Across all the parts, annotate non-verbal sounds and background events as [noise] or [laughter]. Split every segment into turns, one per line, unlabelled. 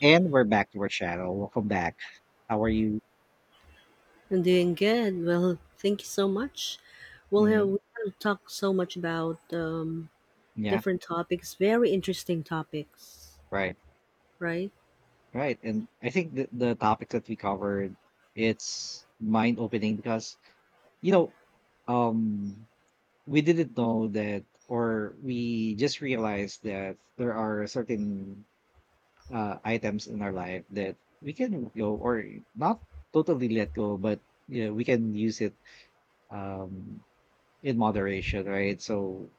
And we're back to our channel. Welcome back. How are you?
I'm doing good. Well, thank you so much. Well, yeah,
Mm,
we have talked so much about
yeah,
different topics, very interesting topics,
right,
right?
right. And I think the topic that we covered, it's mind opening because you know, um, we didn't know that, or we just realized that there are certain items in our life that we can go or not totally let go, but you know, we can use it um in moderation, right? So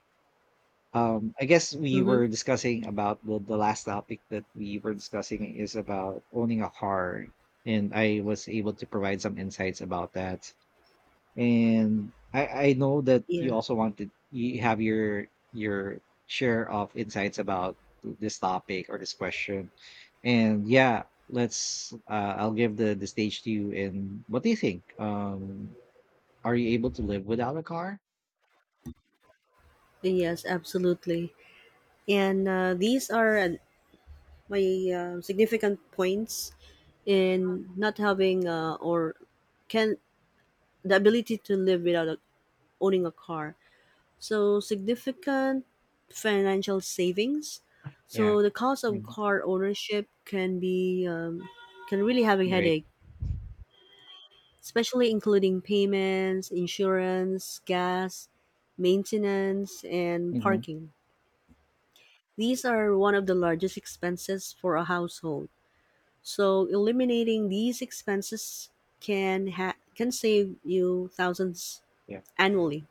Um, I guess we
Mm-hmm.
were discussing about the last topic that we were discussing is about owning a car, and I was able to provide some insights about that. And I know that you
Yeah.
also wanted you have your share of insights about this topic or this question. And yeah, let's I'll give the stage to you. And what do you think? Are you able to live without a car?
Yes, absolutely. And these are my significant points in not having or can the ability to live without owning a car. So significant financial savings.
Yeah,
So the cost of
hmm,
car ownership can be can really have a
right.
headache, especially including payments, insurance, gas, maintenance, and
Hmm.
parking. These are one of the largest expenses for a household. So eliminating these expenses can save you thousands
Yeah,
annually,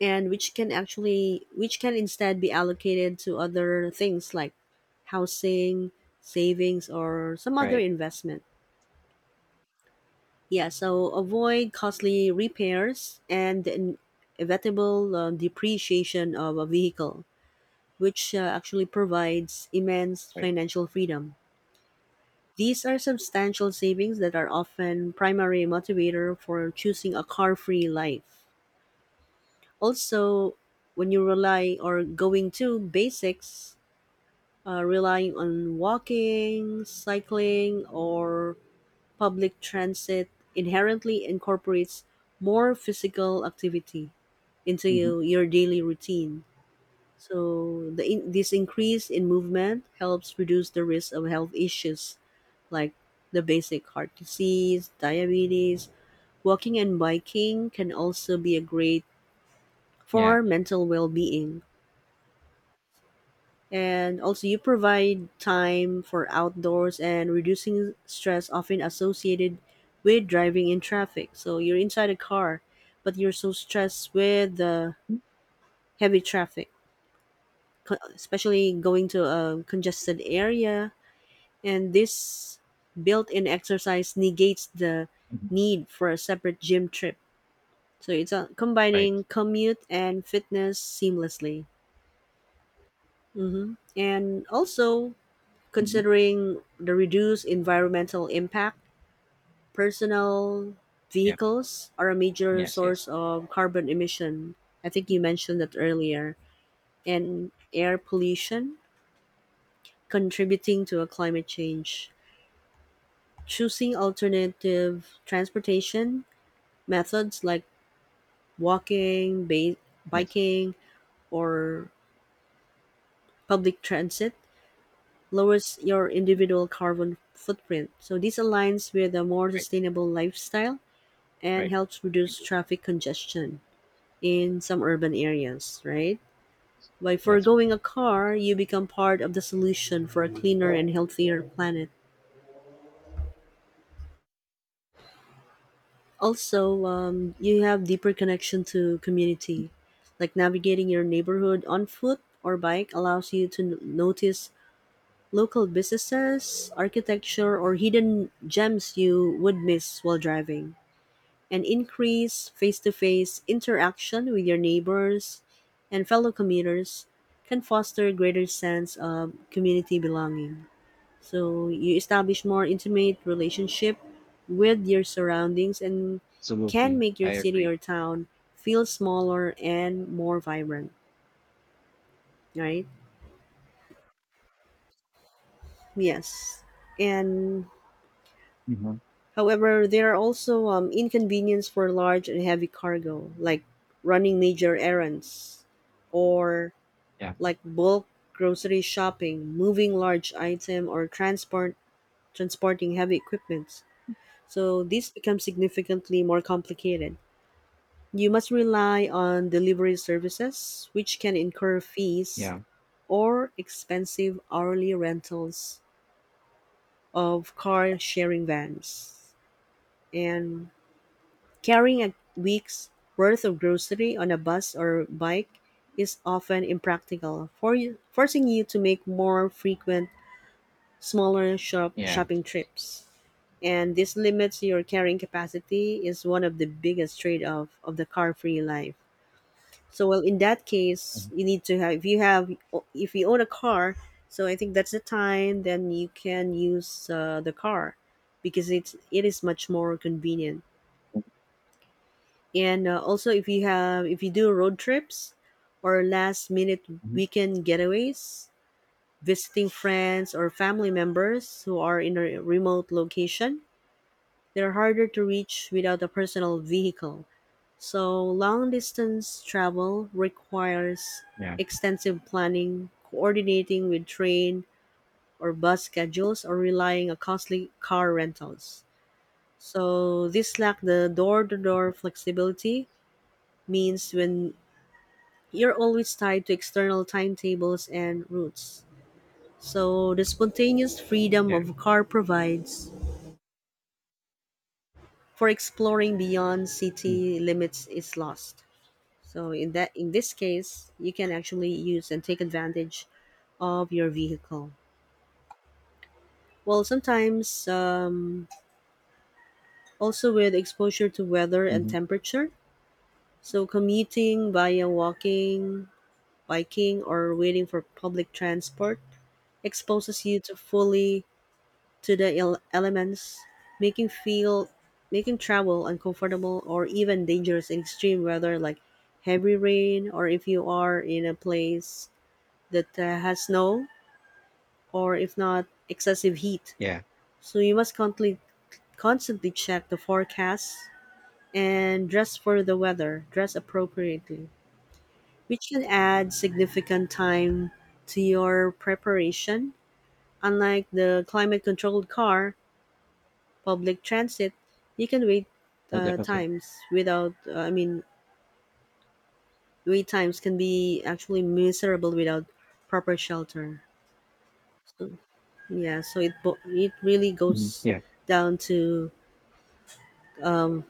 and which can actually which can instead be allocated to other things like housing, savings or some other
right.
investment. Yeah, so avoid costly repairs and the inevitable depreciation of a vehicle, which actually provides immense
Right.
financial freedom. These are substantial savings that are often primary motivator for choosing a car-free life. Also, when you rely or going to basics, relying on walking, cycling, or public transit inherently incorporates more physical activity into
Hmm.
your daily routine. So, this increase in movement helps reduce the risk of health issues like the basic heart disease, diabetes. Walking and biking can also be a great
Yeah.
for mental well being. And also, you provide time for outdoors and reducing stress often associated with driving in traffic. So you're inside a car, but you're so stressed with the heavy traffic, especially going to a congested area. And this built in exercise negates the
Mhm.
need for a separate gym trip. So it's
Right.
combining commute and fitness seamlessly. Hmm And also,
Hmm.
considering the reduced environmental impact, personal
Yeah.
vehicles are a major
Yes. Yes.
source of carbon emission. I think you mentioned that earlier. And air pollution contributing to a climate change. Choosing alternative transportation methods like walking,
Yes.
biking, or public transit lowers your individual carbon footprint. So this aligns with a more
Right.
sustainable lifestyle and
Right.
helps
I
reduce
do.
traffic congestion in some urban areas, right? By
That's right.
foregoing a car, you become part of the solution for a cleaner and healthier planet. Also, you have deeper connection to community, like navigating your neighborhood on foot or bike allows you to notice local businesses, architecture, or hidden gems you would miss while driving, and increase face to face interaction with your neighbors and fellow commuters can foster a greater sense of community belonging. So you establish more intimate relationship with your surroundings and can
Absolutely.
make your
I
city
agree.
or town feel smaller and more vibrant, right? Yes. And
Hmm.
however, there are also inconvenience for large and heavy cargo, like running major errands or
Yeah.
like bulk grocery shopping, moving large item, or transporting heavy equipment. So this becomes significantly more complicated. You must rely on delivery services, which can incur fees
Yeah.
or expensive hourly rentals of car sharing vans. And carrying a week's worth of grocery on a bus or bike is often impractical, for you, forcing you to make more frequent smaller shop
Yeah.
shopping trips. And this limits your carrying capacity is one of the biggest trade-off of the car-free life. So well, in that
Mm-hmm.
case, you need to have if you own a car, so I think that's the time then you can use the car because it is much more convenient. And also if you do road trips or last minute weekend getaways, visiting friends or family members who are in a remote location, they're harder to reach without a personal vehicle, so long-distance travel requires
Yeah.
extensive planning, coordinating with train or bus schedules, or relying on costly car rentals. So this lack the
Mhm.
door-to-door flexibility means when you're always tied to external timetables and routes. So the spontaneous freedom
Yeah.
of car provides for exploring beyond city limits is lost. So in this case, you can actually use and take advantage of your vehicle. Well, sometimes also with exposure to weather and
Mm-hmm.
temperature. So commuting via walking, biking, or waiting for public transport exposes you to fully to the elements, making feel making travel uncomfortable or even dangerous in extreme weather like heavy rain or if you are in a place that has snow or if not excessive heat.
Yeah.
So you must constantly check the forecast and dress for the weather, dress appropriately, which can add significant time to your preparation. Unlike the climate controlled car, public transit, you can
Well,
uh,
definitely.
times without, uh, I mean, wait times can be actually miserable without proper shelter. So, yeah, so it really
Mhm.
goes
Yeah.
down to um,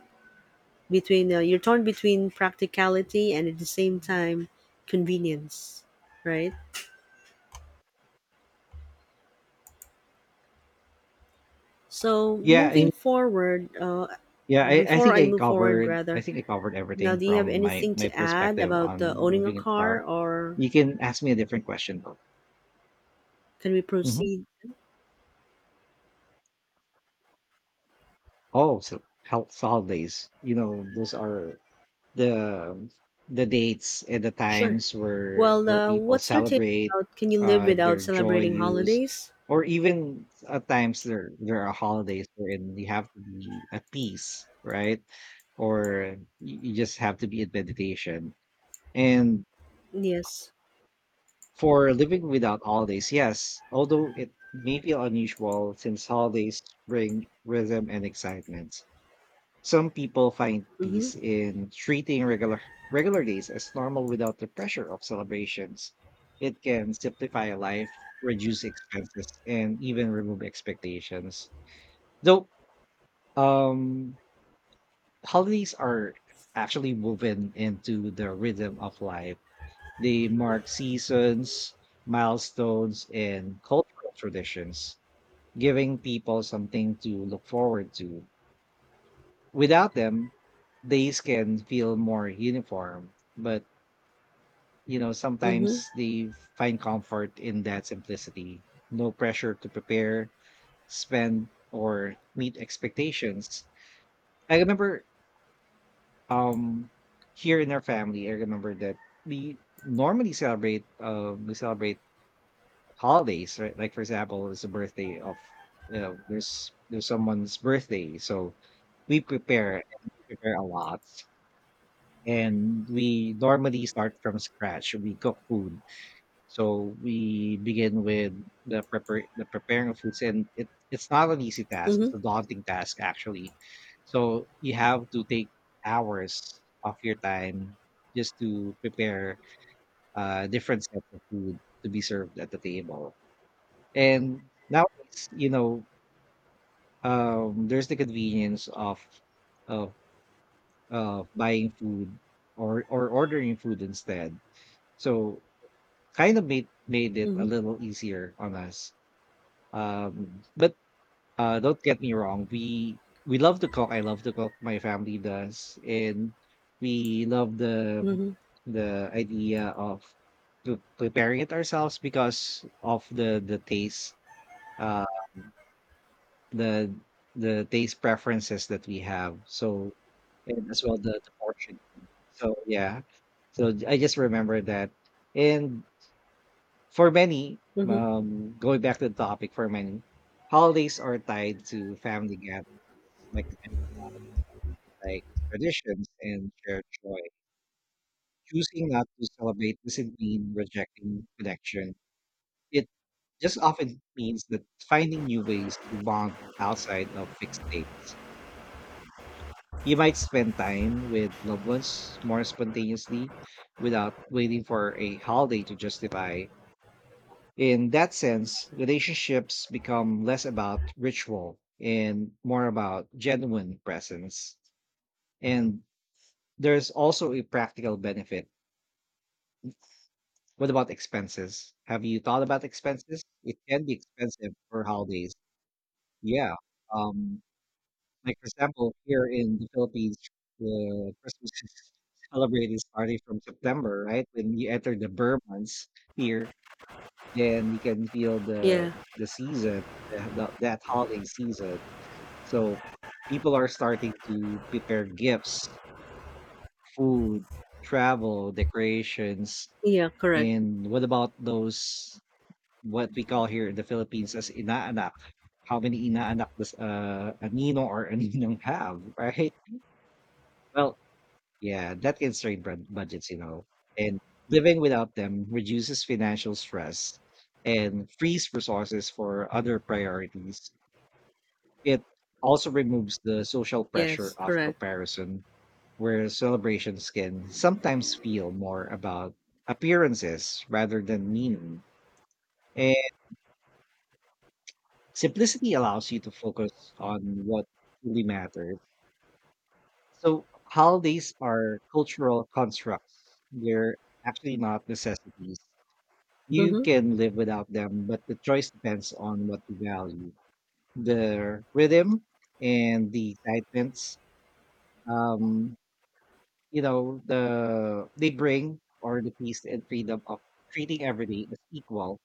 between you're torn between practicality and at the same time convenience, right? So
Yeah. I,
moving forward,
yeah. I
before
think
I
I
move forward,
covered. I
rather,
think I covered
now
everything
do you have
from my
anything
my
to add
perspective
about
on
owning a
moving a car.
car, or
You can ask me a different question though.
can we
Hmm.
proceed?
Oh, so health holidays. You know, those are the the dates and the
Sure.
times
Well,
where people
what's your take
celebrate
about can you live without
their joy
celebrating
use
holidays?
or even at times there there are holidays wherein you have to be at peace, right, or you just have to be in meditation and
Yes.
for living without holidays, yes, although it may feel unusual since holidays bring rhythm and excitement, some people find
Mm-hmm.
peace in treating regular days as normal without the pressure of celebrations. It can simplify life, reduce expenses, and even remove expectations. Though um holidays are actually woven into the rhythm of life. They mark seasons, milestones, and cultural traditions, giving people something to look forward to without them, days can feel more uniform, but you know,
Mm-hmm.
sometimes they find comfort in that simplicity. No pressure to prepare, spend, or meet expectations. I remember um here in our family, I remember that we normally celebrate we celebrate holidays, right? Like for example, it's a birthday of you know, there's someone's birthday. So we prepare and we prepare a lot and we normally start from scratch. We cook food, so we begin with the prepare the preparing of foods, and it it's not an easy task.
Mm-hmm.
It's a daunting task actually. So you have to take hours of your time just to prepare different sets of food to be served at the table. And nowadays, you know, there's the convenience of of buying food or ordering food instead. So kind of made it a little easier on us. But don't get me wrong, we love to cook. I love to cook. My family does, and we love
Mm-hmm.
the idea of preparing it ourselves because of uh, the the taste preferences that we have. So and as well the portion. So yeah, so I just remember that, and for many,
Mm-hmm.
going back to the topic, for many, holidays are tied to family gatherings, like I mentioned, like traditions and shared joy. Choosing not to celebrate doesn't mean rejecting connection. It just often means that finding new ways to bond outside of fixed dates. You might spend time with loved ones more spontaneously without waiting for a holiday to justify. In that sense, relationships become less about ritual and more about genuine presence. And there's also a practical benefit. What about expenses? Have you thought about expenses? It can be expensive for holidays. Yeah. Um, like, for example, here in the Philippines, the Christmas is celebrated starting from September, right? When you enter the Burr months here, then you can feel the
Yeah.
the season, that holiday season. So people are starting to prepare gifts, food, travel, decorations,
Yeah, correct.
and what about those what we call here in the Philippines as inaanak? How many inaanak does a ninong or a ninong have, [laughs] right? Well, yeah, that can strain budgets, you know, and living without them reduces financial stress and frees resources for other priorities. It also removes the social pressure
Yes,
of
correct.
comparison where celebrations can sometimes feel more about appearances rather than meaning. And simplicity allows you to focus on what truly matters. So, holidays are cultural constructs, they're actually not necessities. You
Mhm.
can live without them, but the choice depends on what you value the rhythm and the excitements. Um, you know, the they bring or the peace and freedom of treating everything as equal.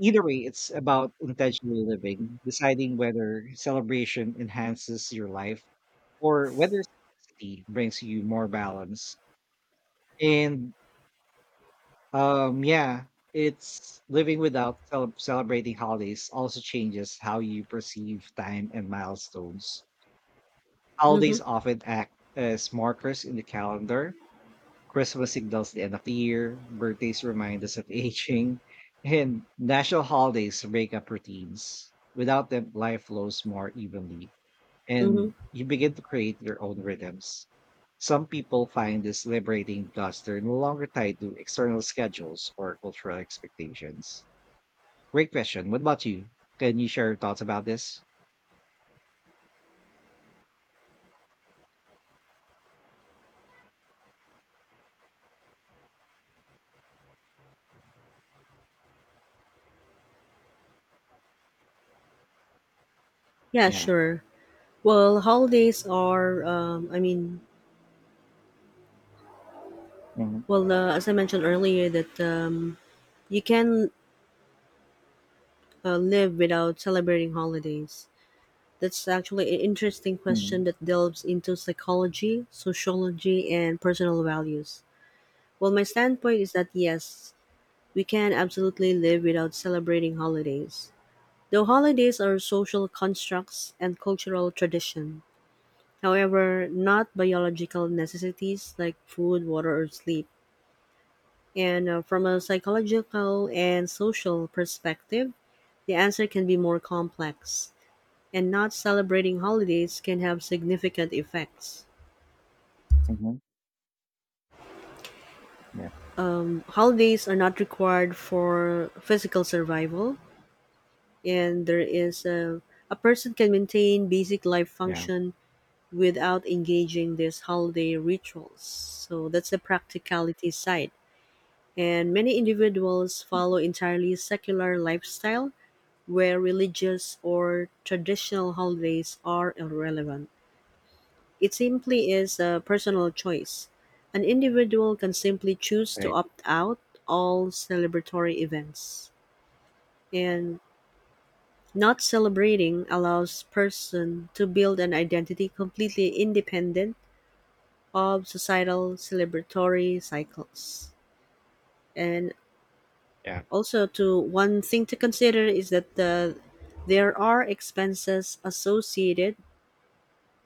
Either way, it's about intentional living, deciding whether celebration enhances your life or whether simplicity brings you more balance. And yeah, it's living without celebrating holidays also changes how you perceive time and milestones. Holidays
Mhm.
often act as markers in the calendar. Christmas signals the end of the year, birthdays remind us of aging, and national holidays break up routines. Without them, life flows more evenly,
Mhm.
and you begin to create your own rhythms. Some people find this liberating because they're no longer tied to external schedules or cultural expectations. Great question. What about you? Can you share your thoughts about this?
Yeah,
Yeah.
sure. Well, holidays are I mean,
Hmm.
well, as I mentioned earlier that you can live without celebrating holidays. That's actually an interesting
Hmm.
question that delves into psychology, sociology, and personal values. Well, my standpoint is that yes, we can absolutely live without celebrating holidays. Though holidays are social constructs and cultural tradition, however, not biological necessities like food, water, or sleep. And from a psychological and social perspective, the answer can be more complex, and not celebrating holidays can have significant effects.
Hmm. Yeah.
Holidays are not required for physical survival, and a person can maintain basic life
Yeah.
function without engaging these holiday rituals. So that's the practicality side, and many individuals follow entirely secular lifestyle where religious or traditional holidays are irrelevant. It simply is a personal choice. An individual can simply choose to
Right.
opt out all celebratory events. And not celebrating allows person to build an identity completely independent of societal celebratory cycles. And
Yeah.
also to one thing to consider is that there are expenses associated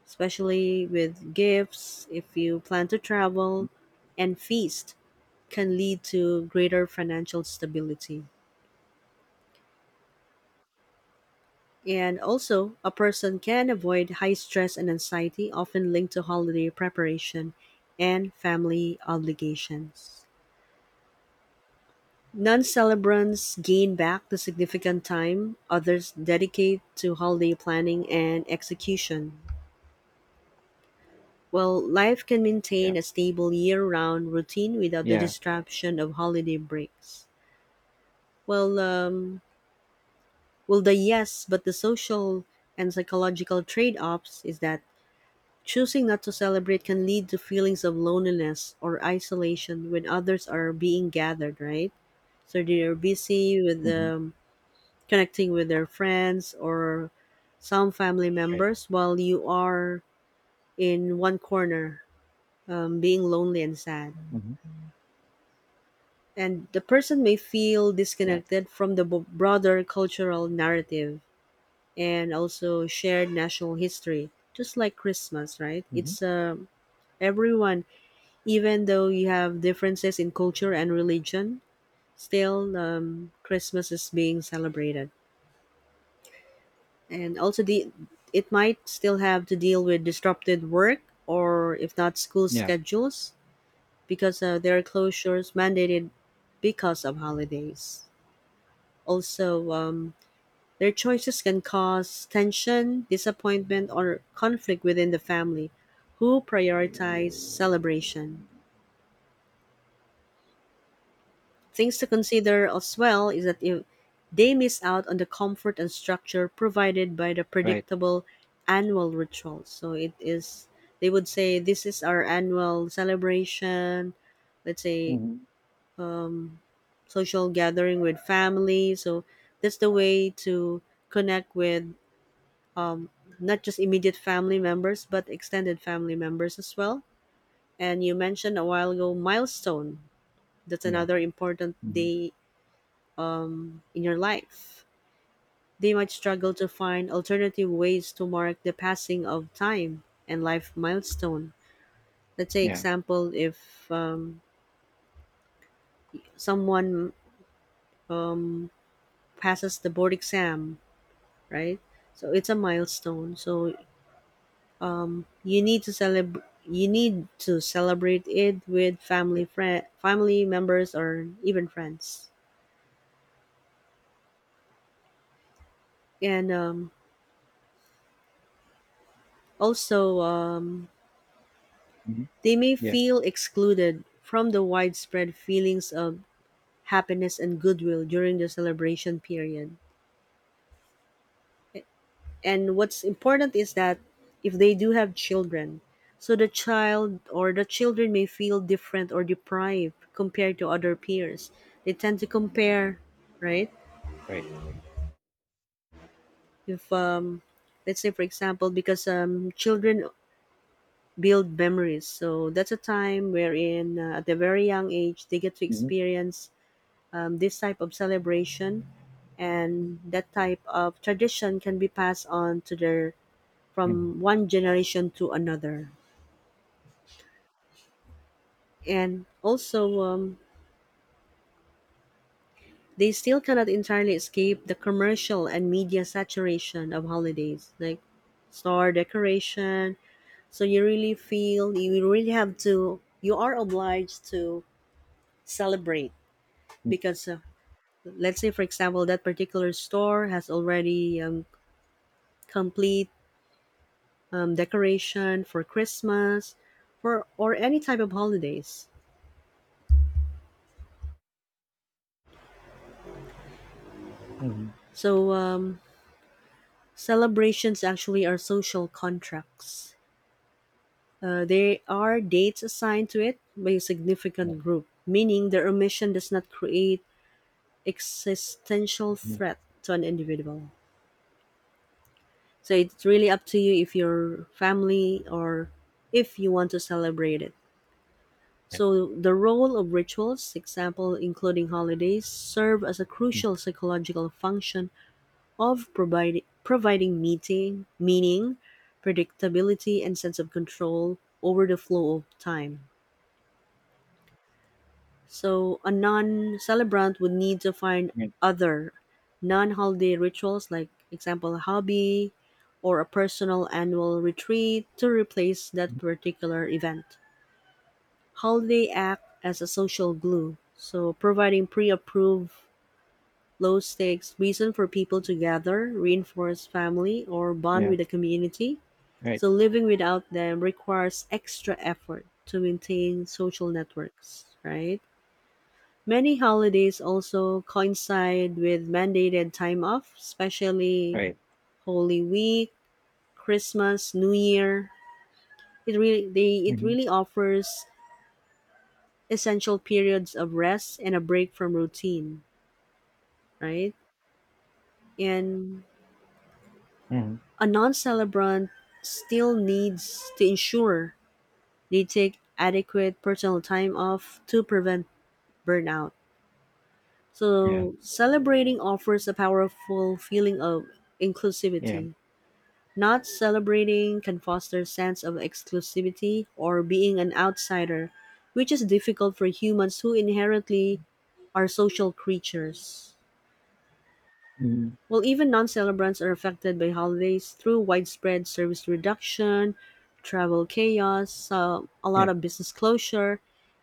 especially with gifts if you plan to travel and feast can lead to greater financial stability, and also a person can avoid high stress and anxiety often linked to holiday preparation and family obligations. Non-celebrants gain back the significant time others dedicate to holiday planning and execution, while life can
Yeah.
maintain a stable year-round routine without the
Yeah.
disruption of holiday breaks. Well, well, the yes, but the social and psychological trade-offs is that choosing not to celebrate can lead to feelings of loneliness or isolation when others are being gathered, right? So they are busy with
Hmm.
connecting with their friends or some family
Right.
members while you are in one corner, being lonely and sad.
Hmm.
And the person may feel
Yeah.
disconnected from the broader cultural narrative and also shared national history, just like Christmas, right?
Mhm.
It's a everyone, even though you have differences in culture and religion, still Christmas is being celebrated, and also the it might still have to deal with disrupted work or if not school
Yeah,
schedules because there are closures mandated because of holidays. Also their choices can cause tension disappointment or conflict within the family who prioritize celebration. Things to consider as well is that if they miss out on the comfort and structure provided by the
right.
predictable annual rituals. So it is they would say this is our annual celebration, let's say
Mhm.
um, social gathering with family. So that's the way to connect with um, not just immediate family members but extended family members as well. And you mentioned a while ago milestone. That's
Yeah.
another important
Mhm.
day in your life. They might struggle to find alternative ways to mark the passing of time and life milestone. Let's say,
Yeah.
example, if someone um, passes the board exam, right? So it's a milestone. So you need to celebrate. You need to celebrate it with
Right.
family, friend, family members, or even friends. And also, um,
Mhm.
they may
Yeah,
feel excluded from the widespread feelings of happiness and goodwill during the celebration period. And what's important is that if they do have children, so the child or the children may feel different or deprived compared to other peers. They tend to compare, right?
right.
If let's say for example, because children build memories, so that's a time wherein at a very young age they get to
Mhm.
experience this type of celebration, and that type of tradition can be passed on to their
Mhm.
from one generation to another. And also they still cannot entirely escape the commercial and media saturation of holidays like star decoration, so you really feel you are obliged to celebrate
Mm.
because let's say for example that particular store has already complete decoration for Christmas, for or any type of holidays.
Mhm.
So celebrations actually are social contracts. They are dates assigned to it by a
Yeah.
significant group, meaning their omission does not create existential
Mhm.
threat to an individual. So it's really up to you if your family or if you want to celebrate it.
Yeah.
So the role of rituals, example including holidays, serve as a
Mm.
crucial psychological function of providing meaning, predictability, and sense of control over the flow of time. So, a non celebrant would need to find
Yeah.
other non holiday rituals, like, example, a hobby or a personal annual retreat, to replace that
Mhm.
particular event. Holiday act as a social glue, so providing pre approved low stakes reason for people to gather, reinforce family, or bond
Yeah.
with the community.
Right.
So living without them requires extra effort to maintain social networks, right? Many holidays also coincide with mandated time off, especially
Right.
Holy Week, Christmas, New Year. It
Mhm.
really offers essential periods of rest and a break from routine, right? And
Mhm.
a non-celebrant still needs to ensure they take adequate personal time off to prevent burnout.
Yeah.
So, celebrating offers a powerful feeling of
Yeah.
inclusivity. Not celebrating can foster a sense of exclusivity or being an outsider, which is difficult for humans who inherently are social creatures.
Mhm.
Well, even non celebrants are affected by holidays through widespread service reduction, travel chaos, a
Yeah.
lot of business closure,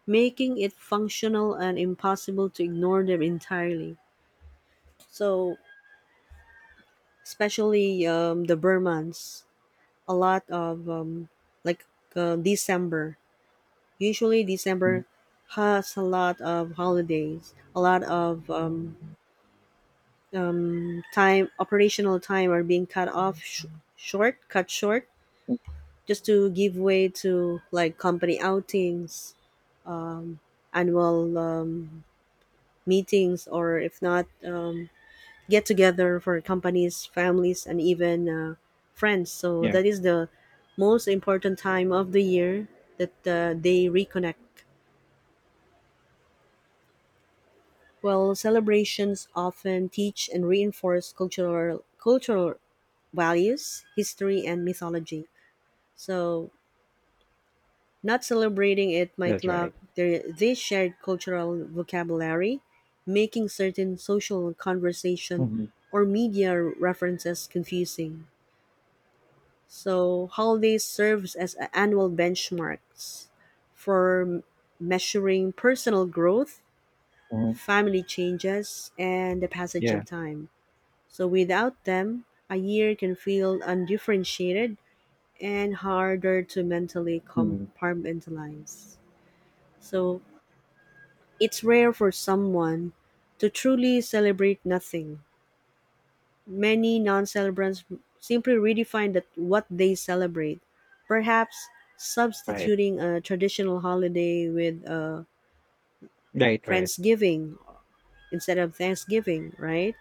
making it functional and impossible to ignore them entirely. So, especially the Burmans. A lot of like December. Usually
Mhm.
December has a lot of holidays. A lot of time, operational time, are being cut off, short, cut short,
Mm.
just to give way to like company outings, annual meetings, or if not. Get together for companies, families, and even friends. So
Yeah.
that is the most important time of the year that they reconnect. Well, celebrations often teach and reinforce cultural values, history, and mythology. So, not celebrating it might
That's
lack
right.
this shared cultural vocabulary, making certain social conversation
Mhm.
or media references confusing. So holidays serves as annual benchmarks for measuring personal growth,
Mhm.
family changes, and the passage
Yeah.
of time. So without them, a year can feel undifferentiated and harder to mentally
Mhm.
compartmentalize. So it's rare for someone to truly celebrate nothing. Many non-celebrants simply redefine that what they celebrate, perhaps
Right.
substituting a traditional holiday with a
Right, right.
Friendsgiving instead of Thanksgiving, right?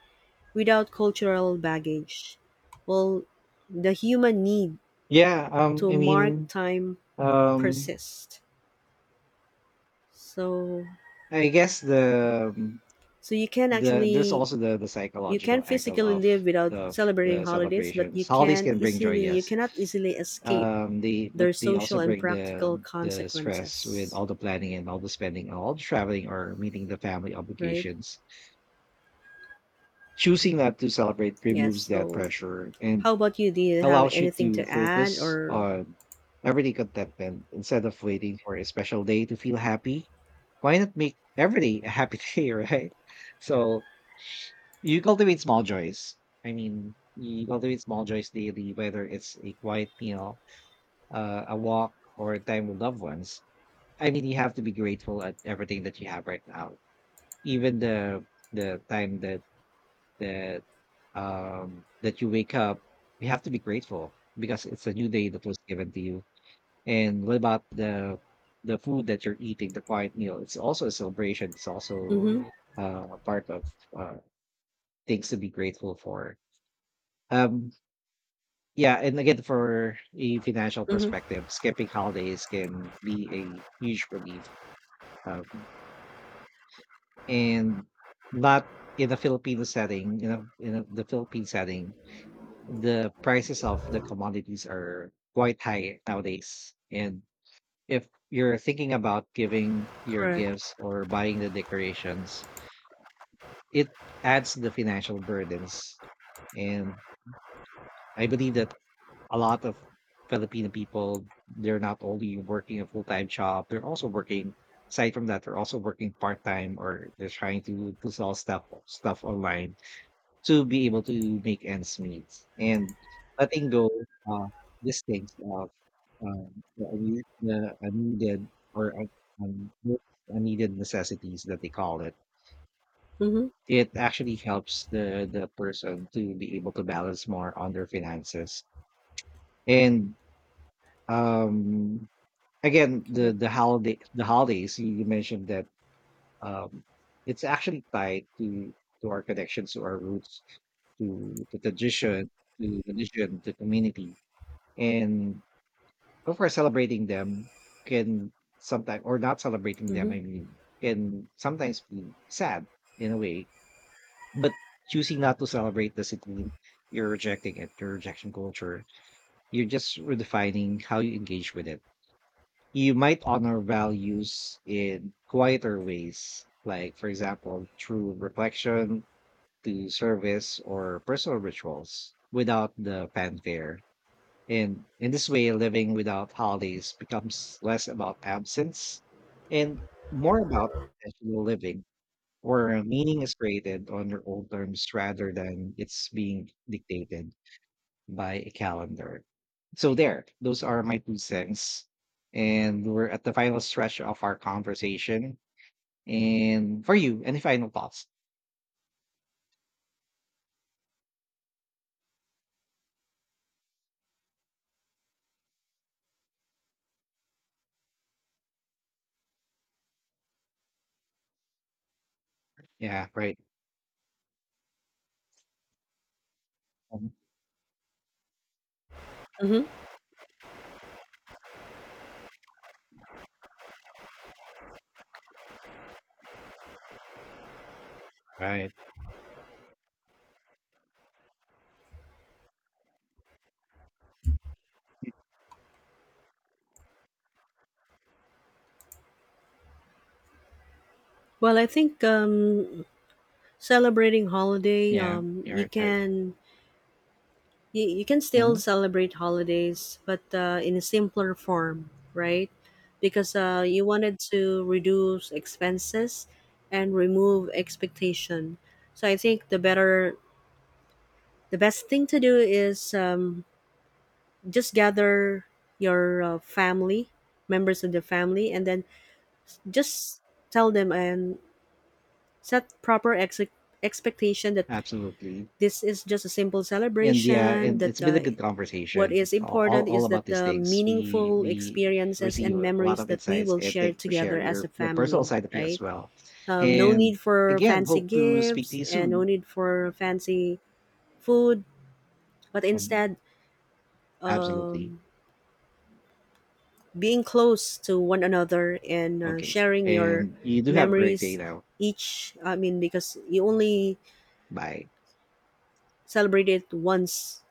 Without cultural baggage. Well, the human need
Yeah, um,
to
I
mark
mean,
time
um,
persists. So
I guess
so you can
there's
actually
also the
you can
psychological angle
physically live without
of
celebrating
the
holidays, but
celebrations. Holidays can bring joy,
you
yes.
cannot easily escape
They but
their
they also
social and
bring
practical
the stress with
consequences,
all the planning and all the spending and all the traveling or meeting the family
right?
obligations. Choosing not to celebrate
Yes.
removes that
So,
pressure and
how about you? Do you have
allows you
anything
to
to add
focus
or?
on everyday contentment instead of waiting for a special day to feel happy. Why not make every day a happy [laughs] day, right? So you cultivate small joys. I mean, you cultivate small joys daily, whether it's a quiet meal, a walk, or time with loved ones. I mean, you have to be grateful at everything that you have right now, even the time that that you wake up. You have to be grateful because it's a new day that was given to you. And what about the food that you're eating, the quiet meal? It's also a celebration. It's also
Mm-hmm.
a part of uh, things to be grateful for. Um, Yeah, and again, for a financial
Mm-hmm.
perspective, skipping holidays can be a huge relief. Um, and not In a Filipino setting, you know, in a, the Philippine setting, the prices of the commodities are quite high nowadays. And if you're thinking about giving your
Correct.
gifts or buying the decorations, it adds the financial burdens. And I believe that a lot of Filipino people, they're not only working a full time job, they're also working, aside from that, they're also working part time or they're trying to sell stuff online to be able to make ends meet. And letting go uh, these things of um, the, the unneeded or those unneeded necessities that they call it.
Mm-hmm.
It actually helps the person to be able to balance more on their finances. And um again
Correct.
the holiday the holidays you you mentioned that um it's actually tied to our connections to our roots to the tradition to religion to community and of course celebrating them can sometimes or not celebrating them
Mm-hmm.
i mean can sometimes be sad in a way, but choosing not to celebrate doesn't mean you're rejecting it, you're rejection culture, you're just redefining how you engage with it. You might honor values in quieter ways, like, for example, through reflection, through service, or personal rituals without the fanfare. And in this way, living without holidays becomes less about absence and more about intentional living, where meaning is created on your own terms rather than it's being dictated by a calendar. So there, those are my two cents. And we're at the final stretch of our conversation. And for you, any final thoughts? Yeah, right. Mhm.
Mm-hmm.
Right.
Well, I think celebrating holiday,
Yeah, you're right. Right.
you, you can still
Mhm.
celebrate holidays, but in a simpler form, right? Because you wanted to reduce expenses and remove expectation. So I think the best thing to do is just gather your family, members of the family, and then just tell them and set proper expectation that
Absolutely.
this is just a simple
And yeah,
celebration,
and it's
that
been a good
what
conversation
is important
all
is
about
that
these
the
things.
meaningful
We
experiences
receive
and
a lot
memories
of
that we
insights
will
and
share
thank you for
together
sharing
as
your
a
the personal
family,
side of you as
right?
well.
No
And
need for
again,
fancy
hope to speak to
gifts
you
and no
soon.
need for fancy food, but
Mhm.
instead,
Absolutely.
um, being close to one another and
Okay.
sharing your
And you do have a great day
memories
now.
because you only
Bye.
celebrate it once